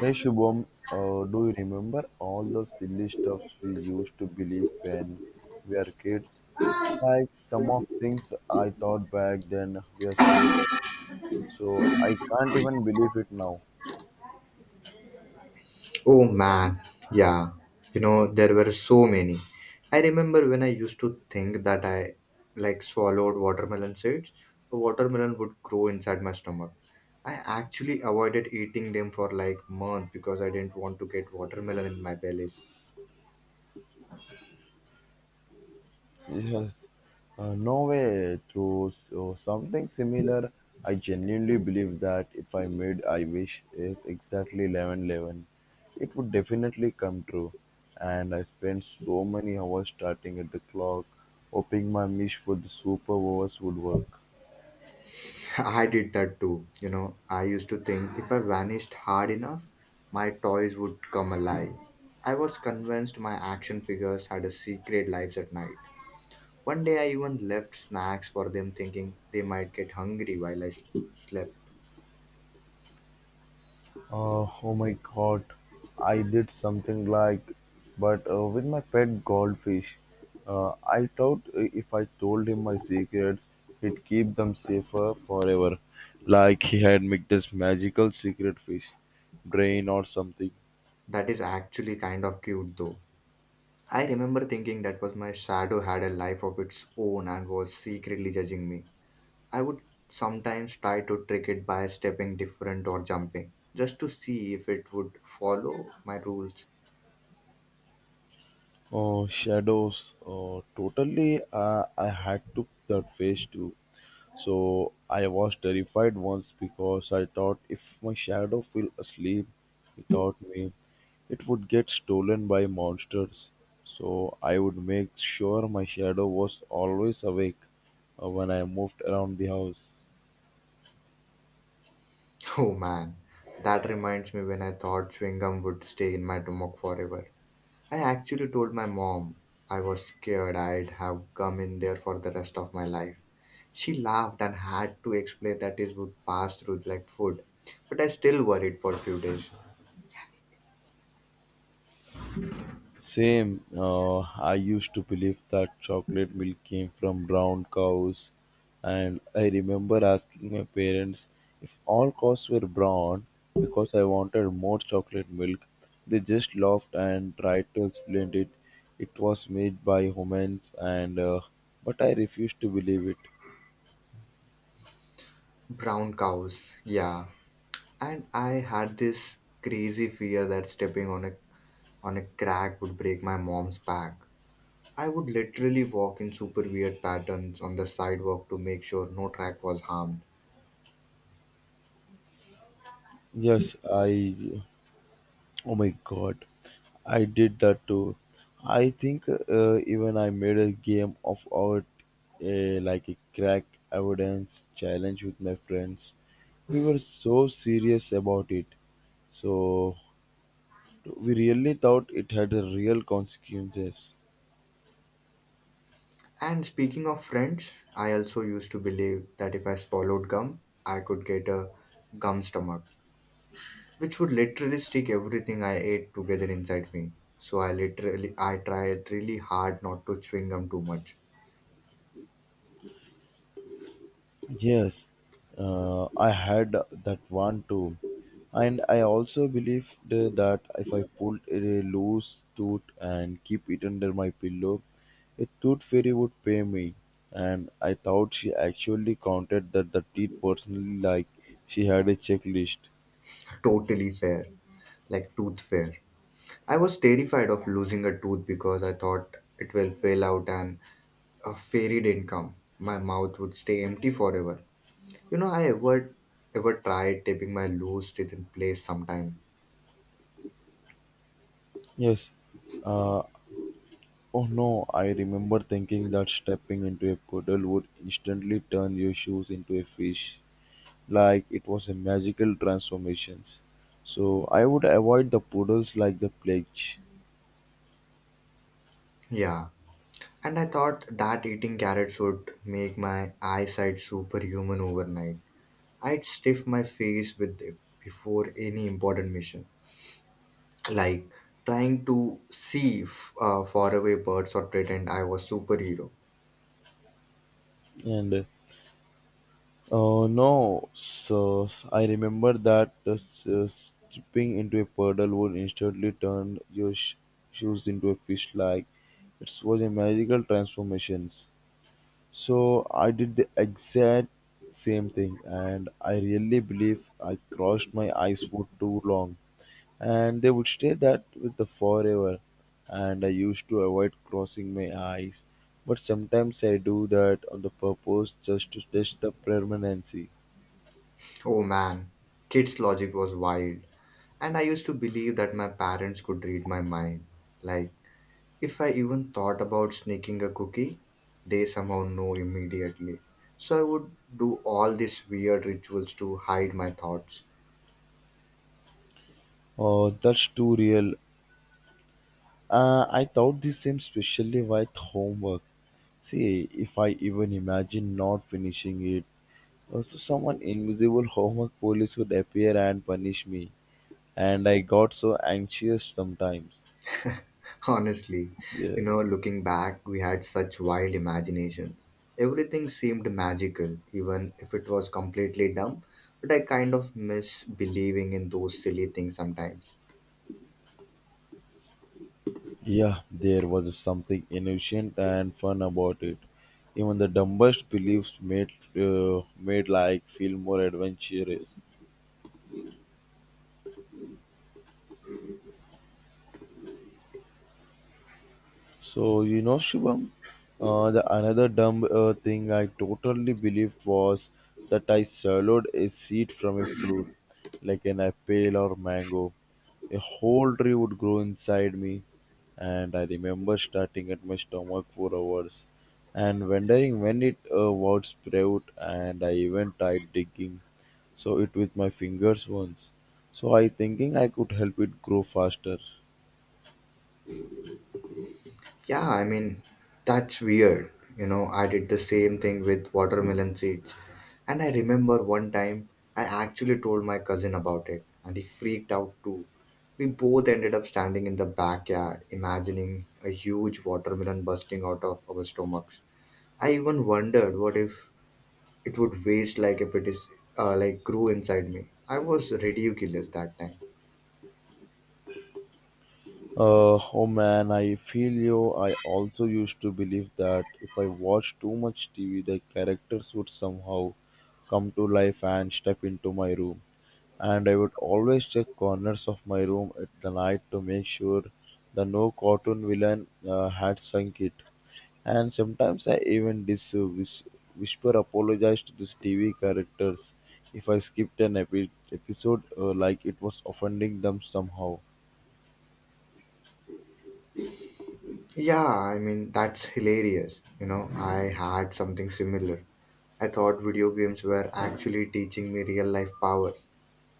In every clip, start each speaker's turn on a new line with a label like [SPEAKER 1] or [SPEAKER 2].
[SPEAKER 1] Hey Shubham, do you remember all the silly stuffs we used to believe when we were kids? Like some of things I thought back then were so dumb, so I can't even believe it now.
[SPEAKER 2] Oh man, yeah. You know, there were so many. I remember when I used to think that I like swallowed watermelon seeds, a watermelon would grow inside my stomach. I actually avoided eating them for like months because I didn't want to get watermelon in my belly.
[SPEAKER 1] Yes, no way through so something similar. I genuinely believe that if I made I wish it exactly 11:11, it would definitely come true. And I spent so many hours starting at the clock, hoping my wish for the super hours would work.
[SPEAKER 2] I did that too. You know, I used to think if I vanished hard enough, my toys would come alive. I was convinced my action figures had a secret lives at night. One day I even left snacks for them thinking they might get hungry while slept.
[SPEAKER 1] Oh my god, I did something like, but with my pet goldfish. I thought if I told him my secrets, he'd keep them safer forever. Like he had made this magical secret fish brain or something.
[SPEAKER 2] That is actually kind of cute though. I remember thinking that was my shadow had a life of its own and was secretly judging me. I would sometimes try to trick it by stepping different or jumping just to see if it would follow my rules.
[SPEAKER 1] Oh, shadows. Oh, totally. I had to that fish too. So I was terrified once because I thought if my shadow fell asleep without me, it would get stolen by monsters. So I would make sure my shadow was always awake when I moved around the house.
[SPEAKER 2] Oh man, that reminds me when I thought chewing gum would stay in my stomach forever. I actually told my mom I was scared I'd have come in there for the rest of my life. She laughed and had to explain that it would pass through like food. But I still worried for a few days.
[SPEAKER 1] Same. I used to believe that chocolate milk came from brown cows, and I remember asking my parents if all cows were brown because I wanted more chocolate milk. They just laughed and tried to explain it. It was made by humans, and but I refused to believe it.
[SPEAKER 2] Brown cows, yeah. And I had this crazy fear that stepping on a crack would break my mom's back. I would literally walk in super weird patterns on the sidewalk to make sure no track was harmed.
[SPEAKER 1] Yes, I. Oh my God. I did that too. I think even I made a game of out like a crack evidence challenge with my friends. We were so serious about it, so we really thought it had a real consequences.
[SPEAKER 2] And speaking of friends, I also used to believe that if I swallowed gum, I could get a gum stomach, which would literally stick everything I ate together inside me. So I literally I tried really hard not to chewing gum too much.
[SPEAKER 1] Yes, I had that one too. And I also believed that if I pulled a loose tooth and keep it under my pillow, a tooth fairy would pay me. And I thought she actually counted that the teeth personally like she had a checklist.
[SPEAKER 2] Totally fair, like tooth fair. I was terrified of losing a tooth because I thought it will fail out and a fairy didn't come. My mouth would stay empty forever. You know, I ever tried taping my loose teeth in place sometime.
[SPEAKER 1] Yes. Uh, oh no, I remember thinking that stepping into a puddle would instantly turn your shoes into a fish. Like it was a magical transformations. So I would avoid the poodles like the plague.
[SPEAKER 2] Yeah, and I thought that eating carrots would make my eyesight superhuman overnight. I'd stiff my face with them before any important mission, like trying to see faraway birds or pretend I was superhero.
[SPEAKER 1] And no, so I remember that stepping into a puddle would instantly turn your shoes into a fish. Like it was a magical transformations. So I did the exact same thing, and I really believe I crossed my eyes for too long. And they would stay that with the forever, and I used to avoid crossing my eyes, but sometimes I do that on the purpose just to test the permanency.
[SPEAKER 2] Oh man, kids' logic was wild, and I used to believe that my parents could read my mind. Like, if I even thought about sneaking a cookie, they somehow know immediately. So I would do all these weird rituals to hide my thoughts.
[SPEAKER 1] Oh, that's too real. I thought the same specially with homework. See if I even imagine not finishing it, also someone invisible homework police would appear and punish me, and I got so anxious sometimes.
[SPEAKER 2] Honestly,
[SPEAKER 1] Yes.
[SPEAKER 2] looking back, we had such wild imaginations. Everything seemed magical, even if it was completely dumb. But I kind of miss believing in those silly things sometimes.
[SPEAKER 1] Yeah, there was something innocent and fun about it. Even the dumbest beliefs made made like feel more adventurous. So you know, Shivam, the another dumb thing I totally believed was that I swallowed a seed from a fruit, like an apple or mango. A whole tree would grow inside me, and I remember starting at my stomach for hours, and wondering when it would sprout. And I even tried digging, so it with my fingers once. So I thinking I could help it grow faster.
[SPEAKER 2] Yeah, I mean, that's weird. You know, I did the same thing with watermelon seeds. And I remember one time I actually told my cousin about it, and he freaked out too. We both ended up standing in the backyard, imagining a huge watermelon busting out of our stomachs. I even wondered what if it would waste like if it is like grew inside me. I was ridiculous that time.
[SPEAKER 1] Oh man, I feel you. I also used to believe that if I watched too much TV, the characters would somehow come to life and step into my room. And I would always check corners of my room at the night to make sure the no cartoon villain had sunk it. And sometimes I even whisper apologize to these TV characters if I skipped an episode like it was offending them somehow.
[SPEAKER 2] Yeah, I mean, that's hilarious. You know, I had something similar. I thought video games were actually teaching me real life powers.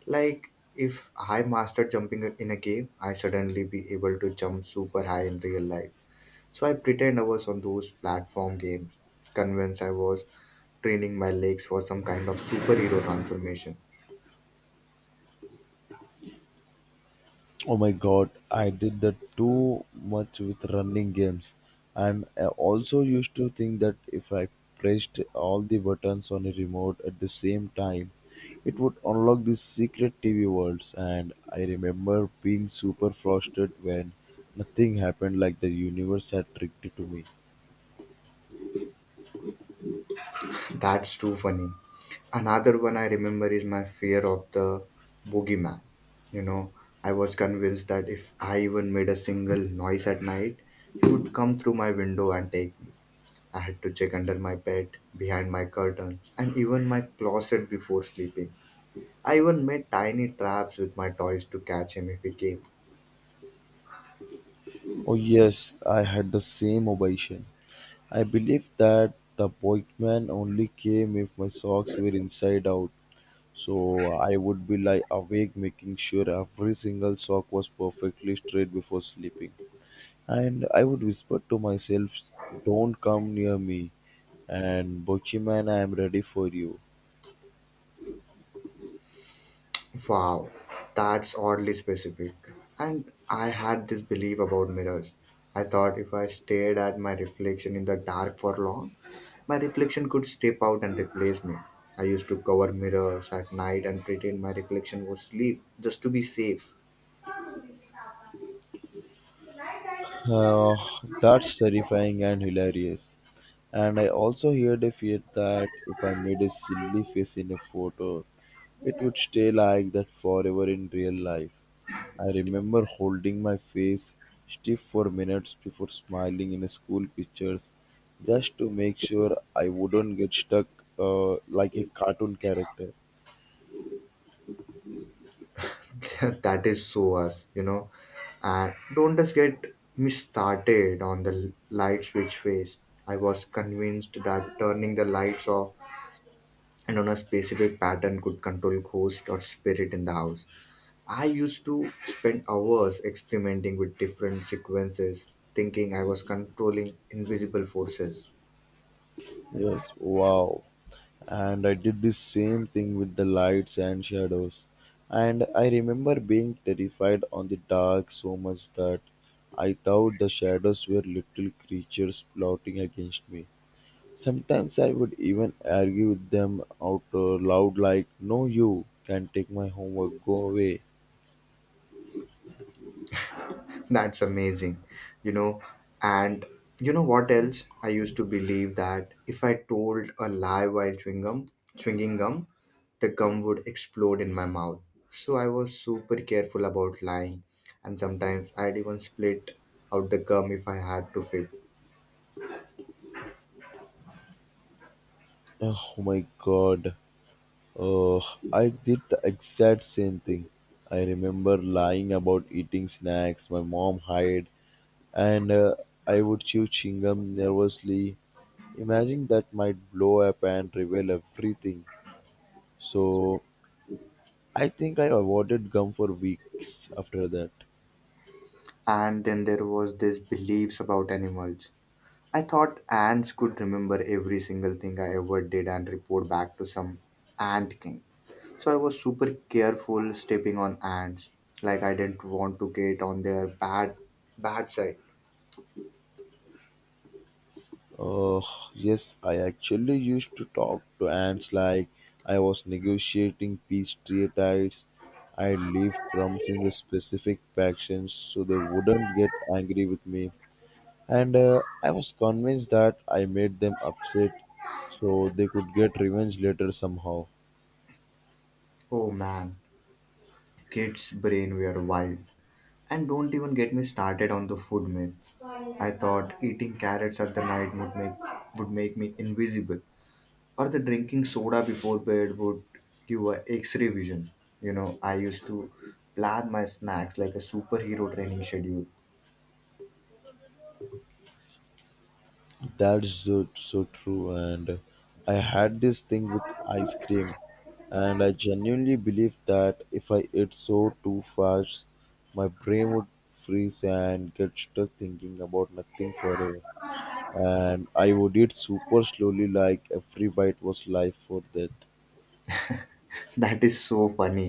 [SPEAKER 2] Like, if I mastered jumping in a game, I suddenly be able to jump super high in real life. So I pretend I was on those platform games, convinced I was training my legs for some kind of superhero transformation.
[SPEAKER 1] Oh my god, I did that too much with running games. I'm also used to think that if I pressed all the buttons on a remote at the same time, it would unlock these secret TV worlds. And I remember being super frustrated when nothing happened like the universe had tricked it to me.
[SPEAKER 2] That's too funny. Another one I remember is my fear of the boogeyman. You know, I was convinced that if I even made a single noise at night, he would come through my window and take me. I had to check under my bed, behind my curtains, and even my closet before sleeping. I even made tiny traps with my toys to catch him if he came.
[SPEAKER 1] Oh yes, I had the same obsession. I believed that the boatman only came if my socks were inside out, so I would be like awake, making sure every single sock was perfectly straight before sleeping. And I would whisper to myself, "Don't come near me. And Bochiman, I am ready for you."
[SPEAKER 2] Wow, that's oddly specific. And I had this belief about mirrors. I thought if I stared at my reflection in the dark for long, my reflection could step out and replace me. I used to cover mirrors at night and pretend my reflection was asleep just to be safe.
[SPEAKER 1] Uh, that's terrifying and hilarious. And I also heard a fear that if I made a silly face in a photo, it would stay like that forever in real life. I remember holding my face stiff for minutes before smiling in school pictures just to make sure I wouldn't get stuck like a cartoon character.
[SPEAKER 2] That is so us, you know. And don't just get me started on the light switch phase. I was convinced that turning the lights off and on a specific pattern could control ghost or spirit in the house. I used to spend hours experimenting with different sequences, thinking I was controlling invisible forces.
[SPEAKER 1] Yes, wow. And I did the same thing with the lights and shadows. And I remember being terrified on the dark so much that I thought the shadows were little creatures plotting against me. Sometimes I would even argue with them out loud, like, "No, you can take my homework, go away."
[SPEAKER 2] That's amazing, you know. And you know what else? I used to believe that if I told a lie while chewing gum, the gum would explode in my mouth. So I was super careful about lying, and sometimes I'd even split out the gum if I had to fib.
[SPEAKER 1] Oh my god. Uh, I did the exact same thing. I remember lying about eating snacks my mom hid, and I would chew chewing gum nervously, imagining that might blow up and reveal everything. So I think I avoided gum for weeks after that.
[SPEAKER 2] And then there was this beliefs about animals. I thought ants could remember every single thing I ever did and report back to some ant king. So I was super careful stepping on ants. Like I didn't want to get on their bad side.
[SPEAKER 1] Oh, yes, I actually used to talk to ants like I was negotiating peace treaties. I leave crumbs in the specific factions so they wouldn't get angry with me. And I was convinced that I made them upset so they could get revenge later somehow.
[SPEAKER 2] Oh man, kids' brain were wild. And don't even get me started on the food myths. I thought eating carrots at the night would make me invisible, or the drinking soda before bed would give a x-ray vision. You know, I used to plan my snacks like a superhero training schedule.
[SPEAKER 1] That's so, so true. And I had this thing with ice cream, and I genuinely believed that if I ate so too fast, my brain would freeze and get stuck thinking about nothing forever. And I would eat super slowly, like every bite was life or death.
[SPEAKER 2] That is so funny.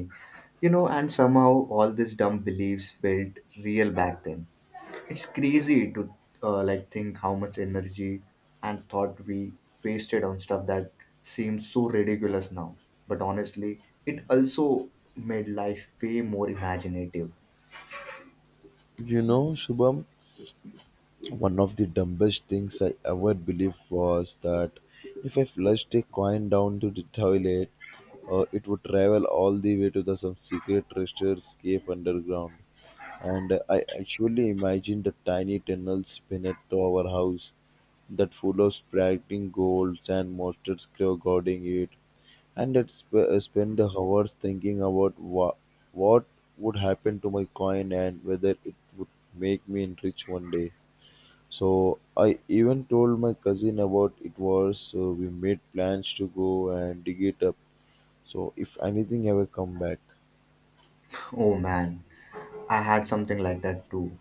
[SPEAKER 2] You know, and somehow all these dumb beliefs felt real back then. It's crazy to like think how much energy and thought we wasted on stuff that seems so ridiculous now. But honestly, it also made life way more imaginative.
[SPEAKER 1] You know, Shubham, one of the dumbest things I ever believed was that if I flushed a coin down to the toilet, it would travel all the way to the some secret treasures cave underground. And I actually imagined the tiny tunnels beneath our house that full of sparkling gold and monsters guarding it. And I'd spend the hours thinking about what would happen to my coin and whether it would make me rich one day. So I even told my cousin about it was so we made plans to go and dig it up. So if anything ever come back.
[SPEAKER 2] Oh man, I had something like that too.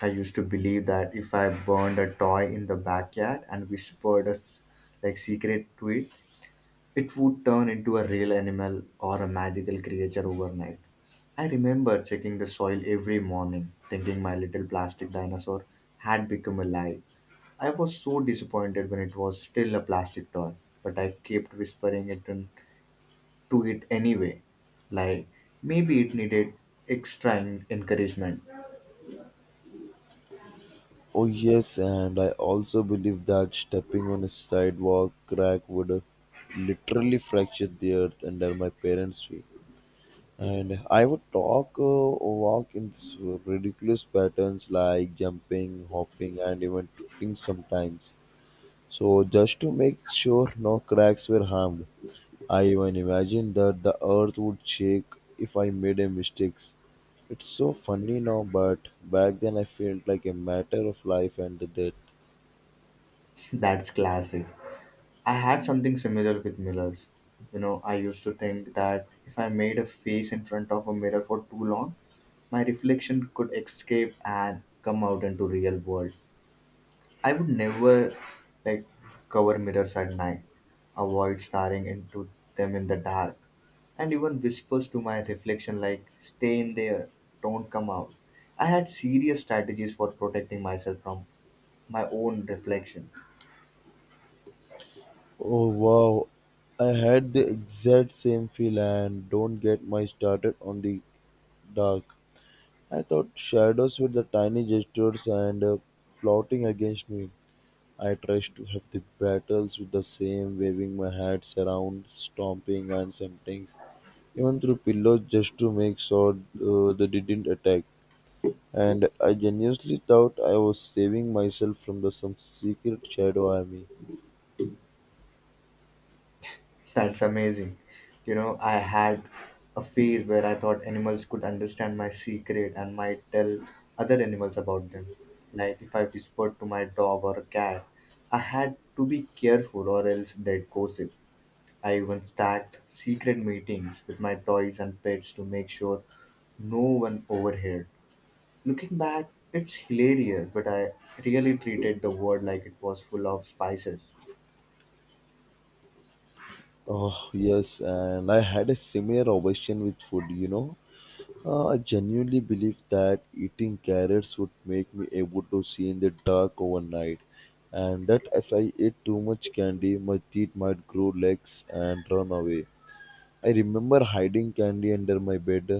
[SPEAKER 2] I used to believe that if I burned a toy in the backyard and whispered a like secret to it, it would turn into a real animal or a magical creature overnight. I remember checking the soil every morning, thinking my little plastic dinosaur had become alive. I was so disappointed when it was still a plastic toy, but I kept whispering it to it anyway. Like maybe it needed extra encouragement.
[SPEAKER 1] Oh yes, and I also believe that stepping on a sidewalk crack would have literally fractured the earth under my parents' feet. And I would talk or walk in ridiculous patterns like jumping, hopping, and even tripping sometimes. So just to make sure no cracks were harmed. I even imagined that the earth would shake if I made a mistakes. It's so funny now, but back then I felt like a matter of life and the death.
[SPEAKER 2] That's classic. I had something similar with mirrors. You know, I used to think that if I made a face in front of a mirror for too long, my reflection could escape and come out into real world. I would never like cover mirrors at night, avoid staring into them in the dark, and even whispers to my reflection like, stay in there, don't come out. I had serious strategies for protecting myself from my own reflection.
[SPEAKER 1] Oh wow, I had the exact same feel and don't get my started on the dark. I thought shadows were the tiny gestures and plotting against me. I tried to have the battles with the same, waving my hats around, stomping and something. Even through pillows just to make sure they didn't attack. And I genuinely thought I was saving myself from the some secret shadow army.
[SPEAKER 2] That's amazing. You know, I had a phase where I thought animals could understand my secret and might tell other animals about them. Like if I whispered to my dog or a cat, I had to be careful or else they'd gossip. I even stacked secret meetings with my toys and pets to make sure no one overheard. Looking back, it's hilarious, but I really treated the world like it was full of spices.
[SPEAKER 1] Oh yes, and I had a similar obsession with food. You know, I genuinely believed that eating carrots would make me able to see in the dark overnight, and that if I ate too much candy, my teeth might grow legs and run away. I remember hiding candy under my bed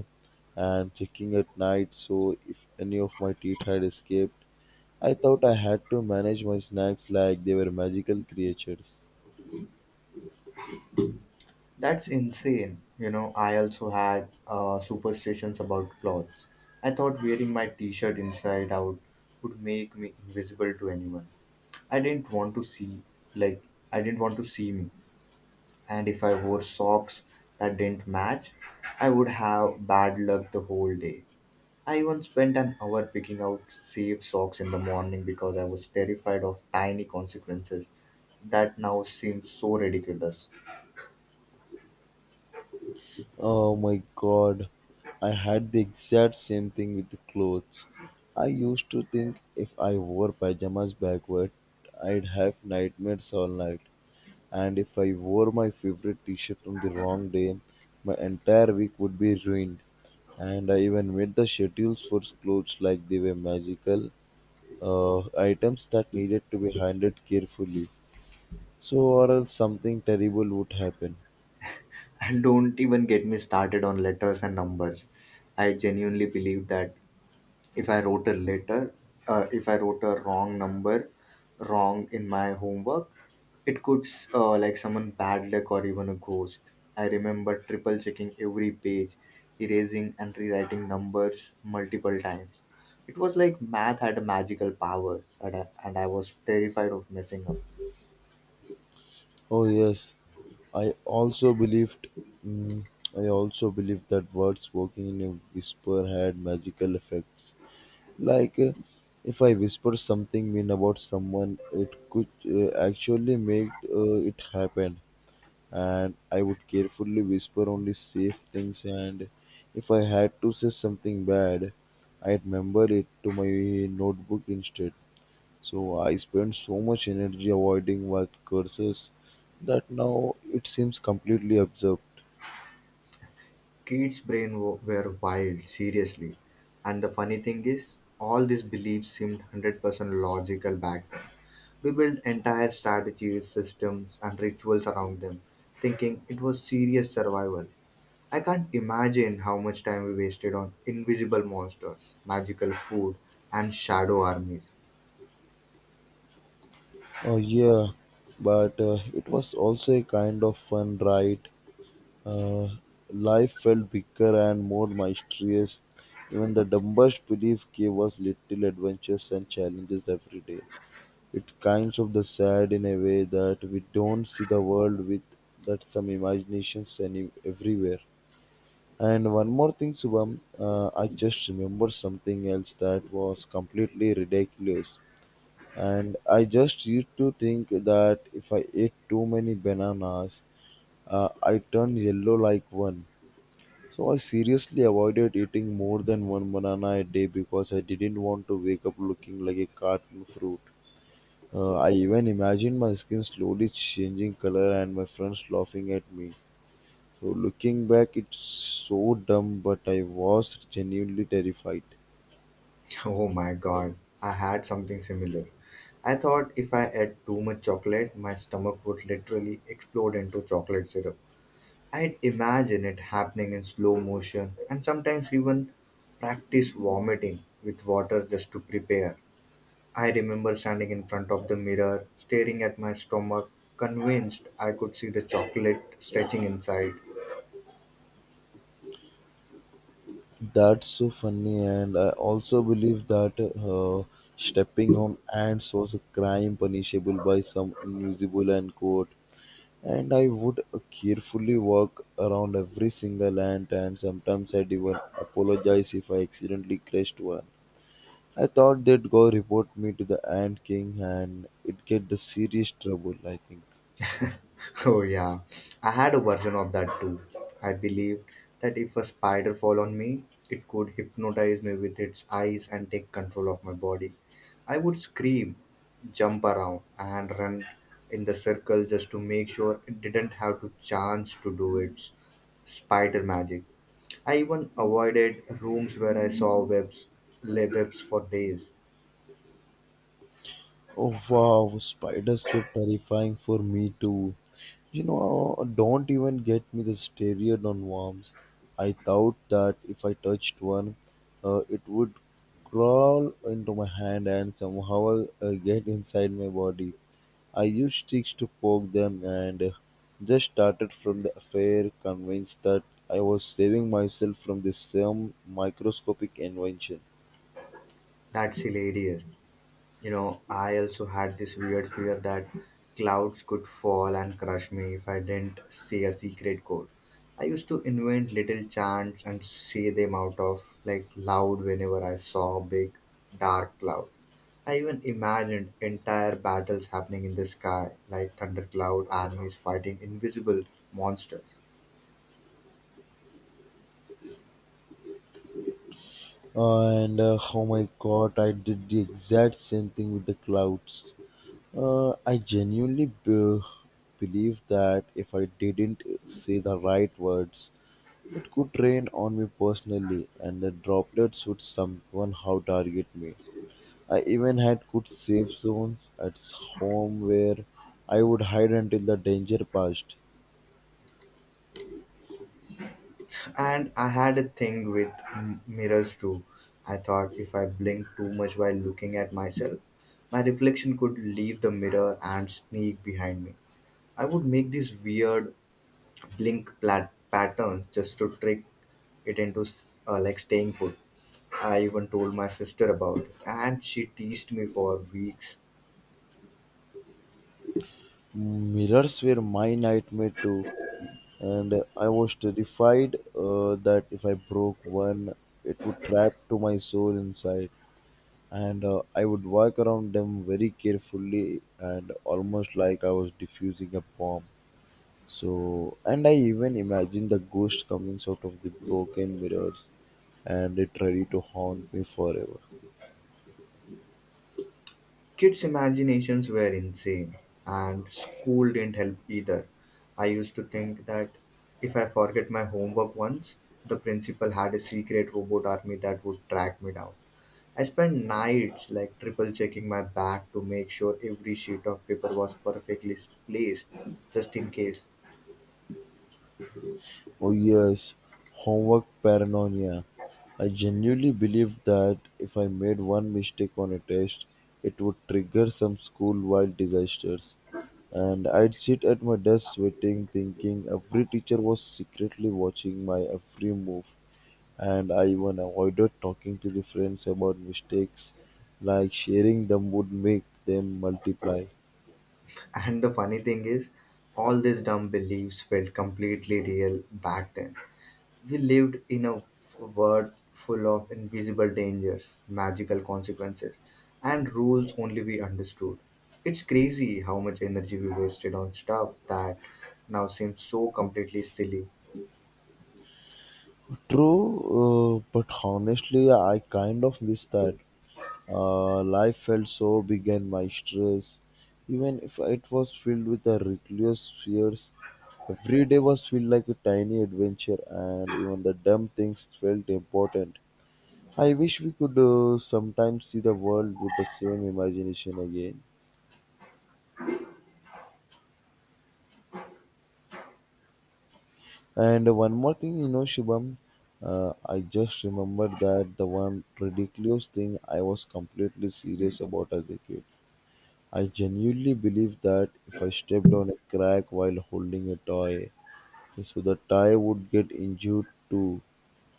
[SPEAKER 1] and checking at night so if any of my teeth had escaped. I thought I had to manage my snacks like they were magical creatures.
[SPEAKER 2] That's insane. You know, I also had superstitions about clothes. I thought wearing my t shirt inside out would make me invisible to anyone. I didn't want to see, like, I didn't want to see me. And if I wore socks that didn't match, I would have bad luck the whole day. I even spent an hour picking out safe socks in the morning because I was terrified of tiny consequences that now seem so ridiculous.
[SPEAKER 1] Oh my god, I had the exact same thing with the clothes. I used to think if I wore pajamas backward, I'd have nightmares all night. And if I wore my favorite t shirt on the wrong day, my entire week would be ruined. And I even made the schedules for clothes like they were magical items that needed to be handled carefully. So, or else something terrible would happen.
[SPEAKER 2] And don't even get me started on letters and numbers. I genuinely believe that if I wrote a letter, if I wrote a wrong number, wrong in my homework, it could like someone bad luck or even a ghost. I remember triple checking every page, erasing and rewriting numbers multiple times. It was like math had a magical power, and I was terrified of messing up.
[SPEAKER 1] Oh, yes, I also believed. Mm, I also believed that words working in a whisper had magical effects. Like if I whisper something mean about someone, it could actually make it happen. And I would carefully whisper only safe things. And if I had to say something bad, I'd remember it to my notebook instead. So I spent so much energy avoiding word curses that now it seems completely absurd.
[SPEAKER 2] Kids brain were wild, seriously. And the funny thing is all these beliefs seemed 100% logical back then. We built entire strategies systems and rituals around them, thinking it was serious survival. I can't imagine how much time we wasted on invisible monsters, magical food, and shadow armies.
[SPEAKER 1] Oh yeah, but it was also a kind of fun, right? Uh, Life felt bigger and more mysterious. Even the dumbest belief gave us little adventures and challenges every day. It kinds of the sad in a way that we don't see the world with that some imaginations any everywhere. And one more thing, Subham, I just remember something else that was completely ridiculous. And I just used to think that if I ate too many bananas, I turned yellow like one. So I seriously avoided eating more than one banana a day because I didn't want to wake up looking like a carton fruit. I even imagined my skin slowly changing color and my friends laughing at me. So looking back, it's so dumb, but I was genuinely terrified.
[SPEAKER 2] Oh my god, I had something similar. I thought if I ate too much chocolate, my stomach would literally explode into chocolate syrup. I'd imagine it happening in slow motion and sometimes even practice vomiting with water just to prepare. I remember standing in front of the mirror, staring at my stomach, convinced I could see the chocolate stretching inside.
[SPEAKER 1] That's so funny, and I also believe that stepping on ants was a crime punishable by some invisible and court. And I would carefully walk around every single ant, and sometimes I'd even apologize if I accidentally crushed one. I thought they'd go report me to the ant king, and it'd get the serious trouble, I think.
[SPEAKER 2] Oh yeah, I had a version of that too. I believed that if a spider fall on me, it could hypnotize me with its eyes and take control of my body. I would scream, jump around, and run in the circle just to make sure it didn't have to chance to do its spider magic. I even avoided rooms where I saw webs, webs for days.
[SPEAKER 1] Oh wow, spiders were terrifying for me too. You know, don't even get me the started on worms. I thought that if I touched one, it would crawl into my hand and somehow get inside my body. I used sticks to poke them and just started from the affair, convinced that I was saving myself from the same microscopic invention.
[SPEAKER 2] That's hilarious. You know, I also had this weird fear that clouds could fall and crush me if I didn't say a secret code. I used to invent little chants and say them out of like loud whenever I saw a big dark cloud. I even imagined entire battles happening in the sky like thundercloud armies fighting invisible monsters.
[SPEAKER 1] And oh my god, I did the exact same thing with the clouds. I genuinely believe that if I didn't say the right words, it could rain on me personally, and the droplets would somehow target me. I even had good safe zones at home where I would hide until the danger passed.
[SPEAKER 2] And I had a thing with mirrors too. I thought if I blinked too much while looking at myself, my reflection could leave the mirror and sneak behind me. I would make these weird blink patterns just to trick it into like staying put. I even told my sister about it, and she teased me for weeks.
[SPEAKER 1] Mirrors were my nightmare too, and I was terrified that if I broke one, it would trap to my soul inside. And I would walk around them very carefully and almost like I was defusing a bomb. So, and I even imagined the ghost coming out of the broken mirrors and it ready to haunt me forever.
[SPEAKER 2] Kids' imaginations were insane, and school didn't help either. I used to think that if I forget my homework once, the principal had a secret robot army that would track me down. I spent nights like triple checking my bag to make sure every sheet of paper was perfectly placed, just in case.
[SPEAKER 1] Oh yes, homework paranoia. I genuinely believed that if I made one mistake on a test, it would trigger some school-wide disasters. And I'd sit at my desk sweating, thinking every teacher was secretly watching my every move. And I even avoided talking to the friends about mistakes, like sharing them would make them multiply.
[SPEAKER 2] And the funny thing is, all these dumb beliefs felt completely real back then. We lived in a world full of invisible dangers, magical consequences, and rules only we understood. It's crazy how much energy we wasted on stuff that now seems so completely silly.
[SPEAKER 1] True, but honestly, I kind of miss that. Life felt so big and monstrous, even if it was filled with a reckless fears. Every day was filled like a tiny adventure, and even the dumb things felt important. I wish we could sometimes see the world with the same imagination again. And one more thing, you know, Shubham, I just remembered that the one ridiculous thing I was completely serious about as a kid. I genuinely believe that if I stepped on a crack while holding a toy, so the toy would get injured too.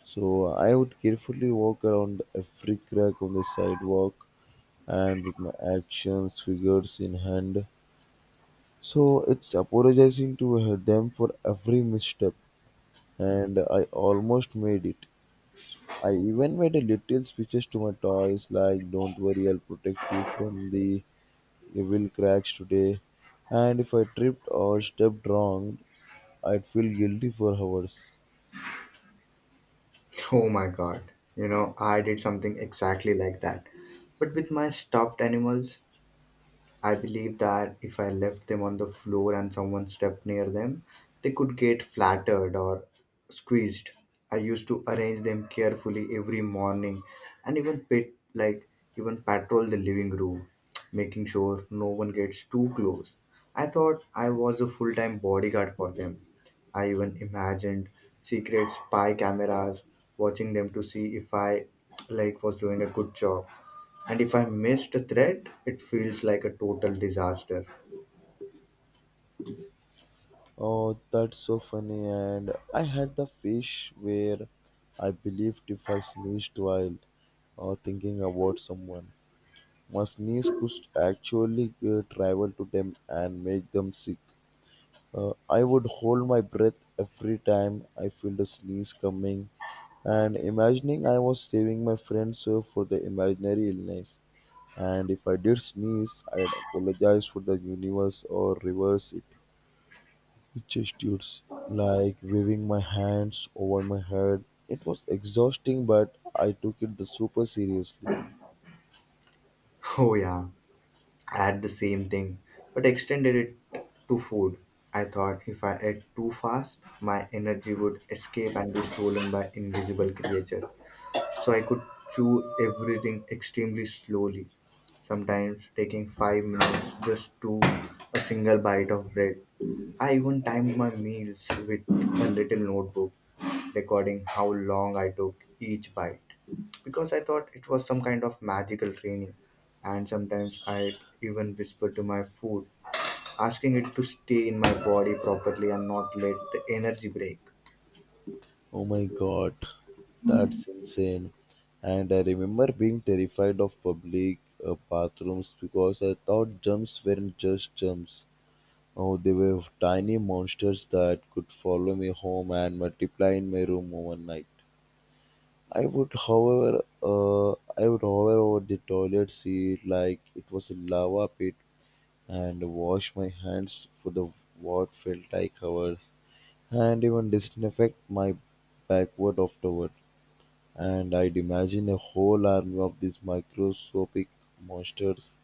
[SPEAKER 1] So I would carefully walk around every crack on the sidewalk and with my actions, figures in hand. So it's apologizing to them for every misstep, and I almost made it. I even made a little speeches to my toys like, "Don't worry, I'll protect you from the will cracks today, and if I tripped or stepped wrong, I'd feel guilty for hours.
[SPEAKER 2] Oh my god. You know, I did something exactly like that. But with my stuffed animals, I believe that if I left them on the floor and someone stepped near them, they could get flattered or squeezed. I used to arrange them carefully every morning and even pit like even patrol the living room, making sure no one gets too close. I thought I was a full-time bodyguard for them. I even imagined secret spy cameras watching them to see if I like was doing a good job. And if I missed a thread, it feels like a total disaster.
[SPEAKER 1] Oh, that's so funny. And I had the fish where I believed if I sneezed while thinking about someone, my sneeze could actually travel to them and make them sick. I would hold my breath every time I felt a sneeze coming and imagining I was saving my friends for the imaginary illness. And if I did sneeze, I'd apologize for the universe or reverse it. Gestures like waving my hands over my head. It was exhausting, but I took it the super seriously.
[SPEAKER 2] Oh, yeah, I had the same thing, but extended it to food. I thought if I ate too fast, my energy would escape and be stolen by invisible creatures. So I could chew everything extremely slowly, sometimes taking five minutes just to a single bite of bread. I even timed my meals with a little notebook, recording how long I took each bite because I thought it was some kind of magical training. And sometimes I'd even whisper to my food, asking it to stay in my body properly and not let the energy break.
[SPEAKER 1] Oh my god, that's insane. And I remember being terrified of public bathrooms because I thought jumps weren't just jumps. Oh, they were tiny monsters that could follow me home and multiply in my room overnight. I would, however, uh, I would hover over the toilet seat like it was a lava pit and wash my hands for the what felt like hours, and even disinfect my backward afterward. And I'd imagine a whole army of these microscopic monsters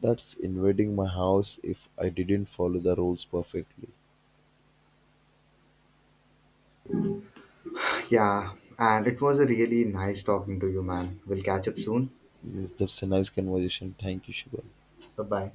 [SPEAKER 1] that's invading my house if I didn't follow the rules perfectly.
[SPEAKER 2] Yeah, and it was a really nice talking to you, man. We'll catch up soon.
[SPEAKER 1] Yes, that's a nice conversation. Thank you, Shiva.
[SPEAKER 2] Bye bye.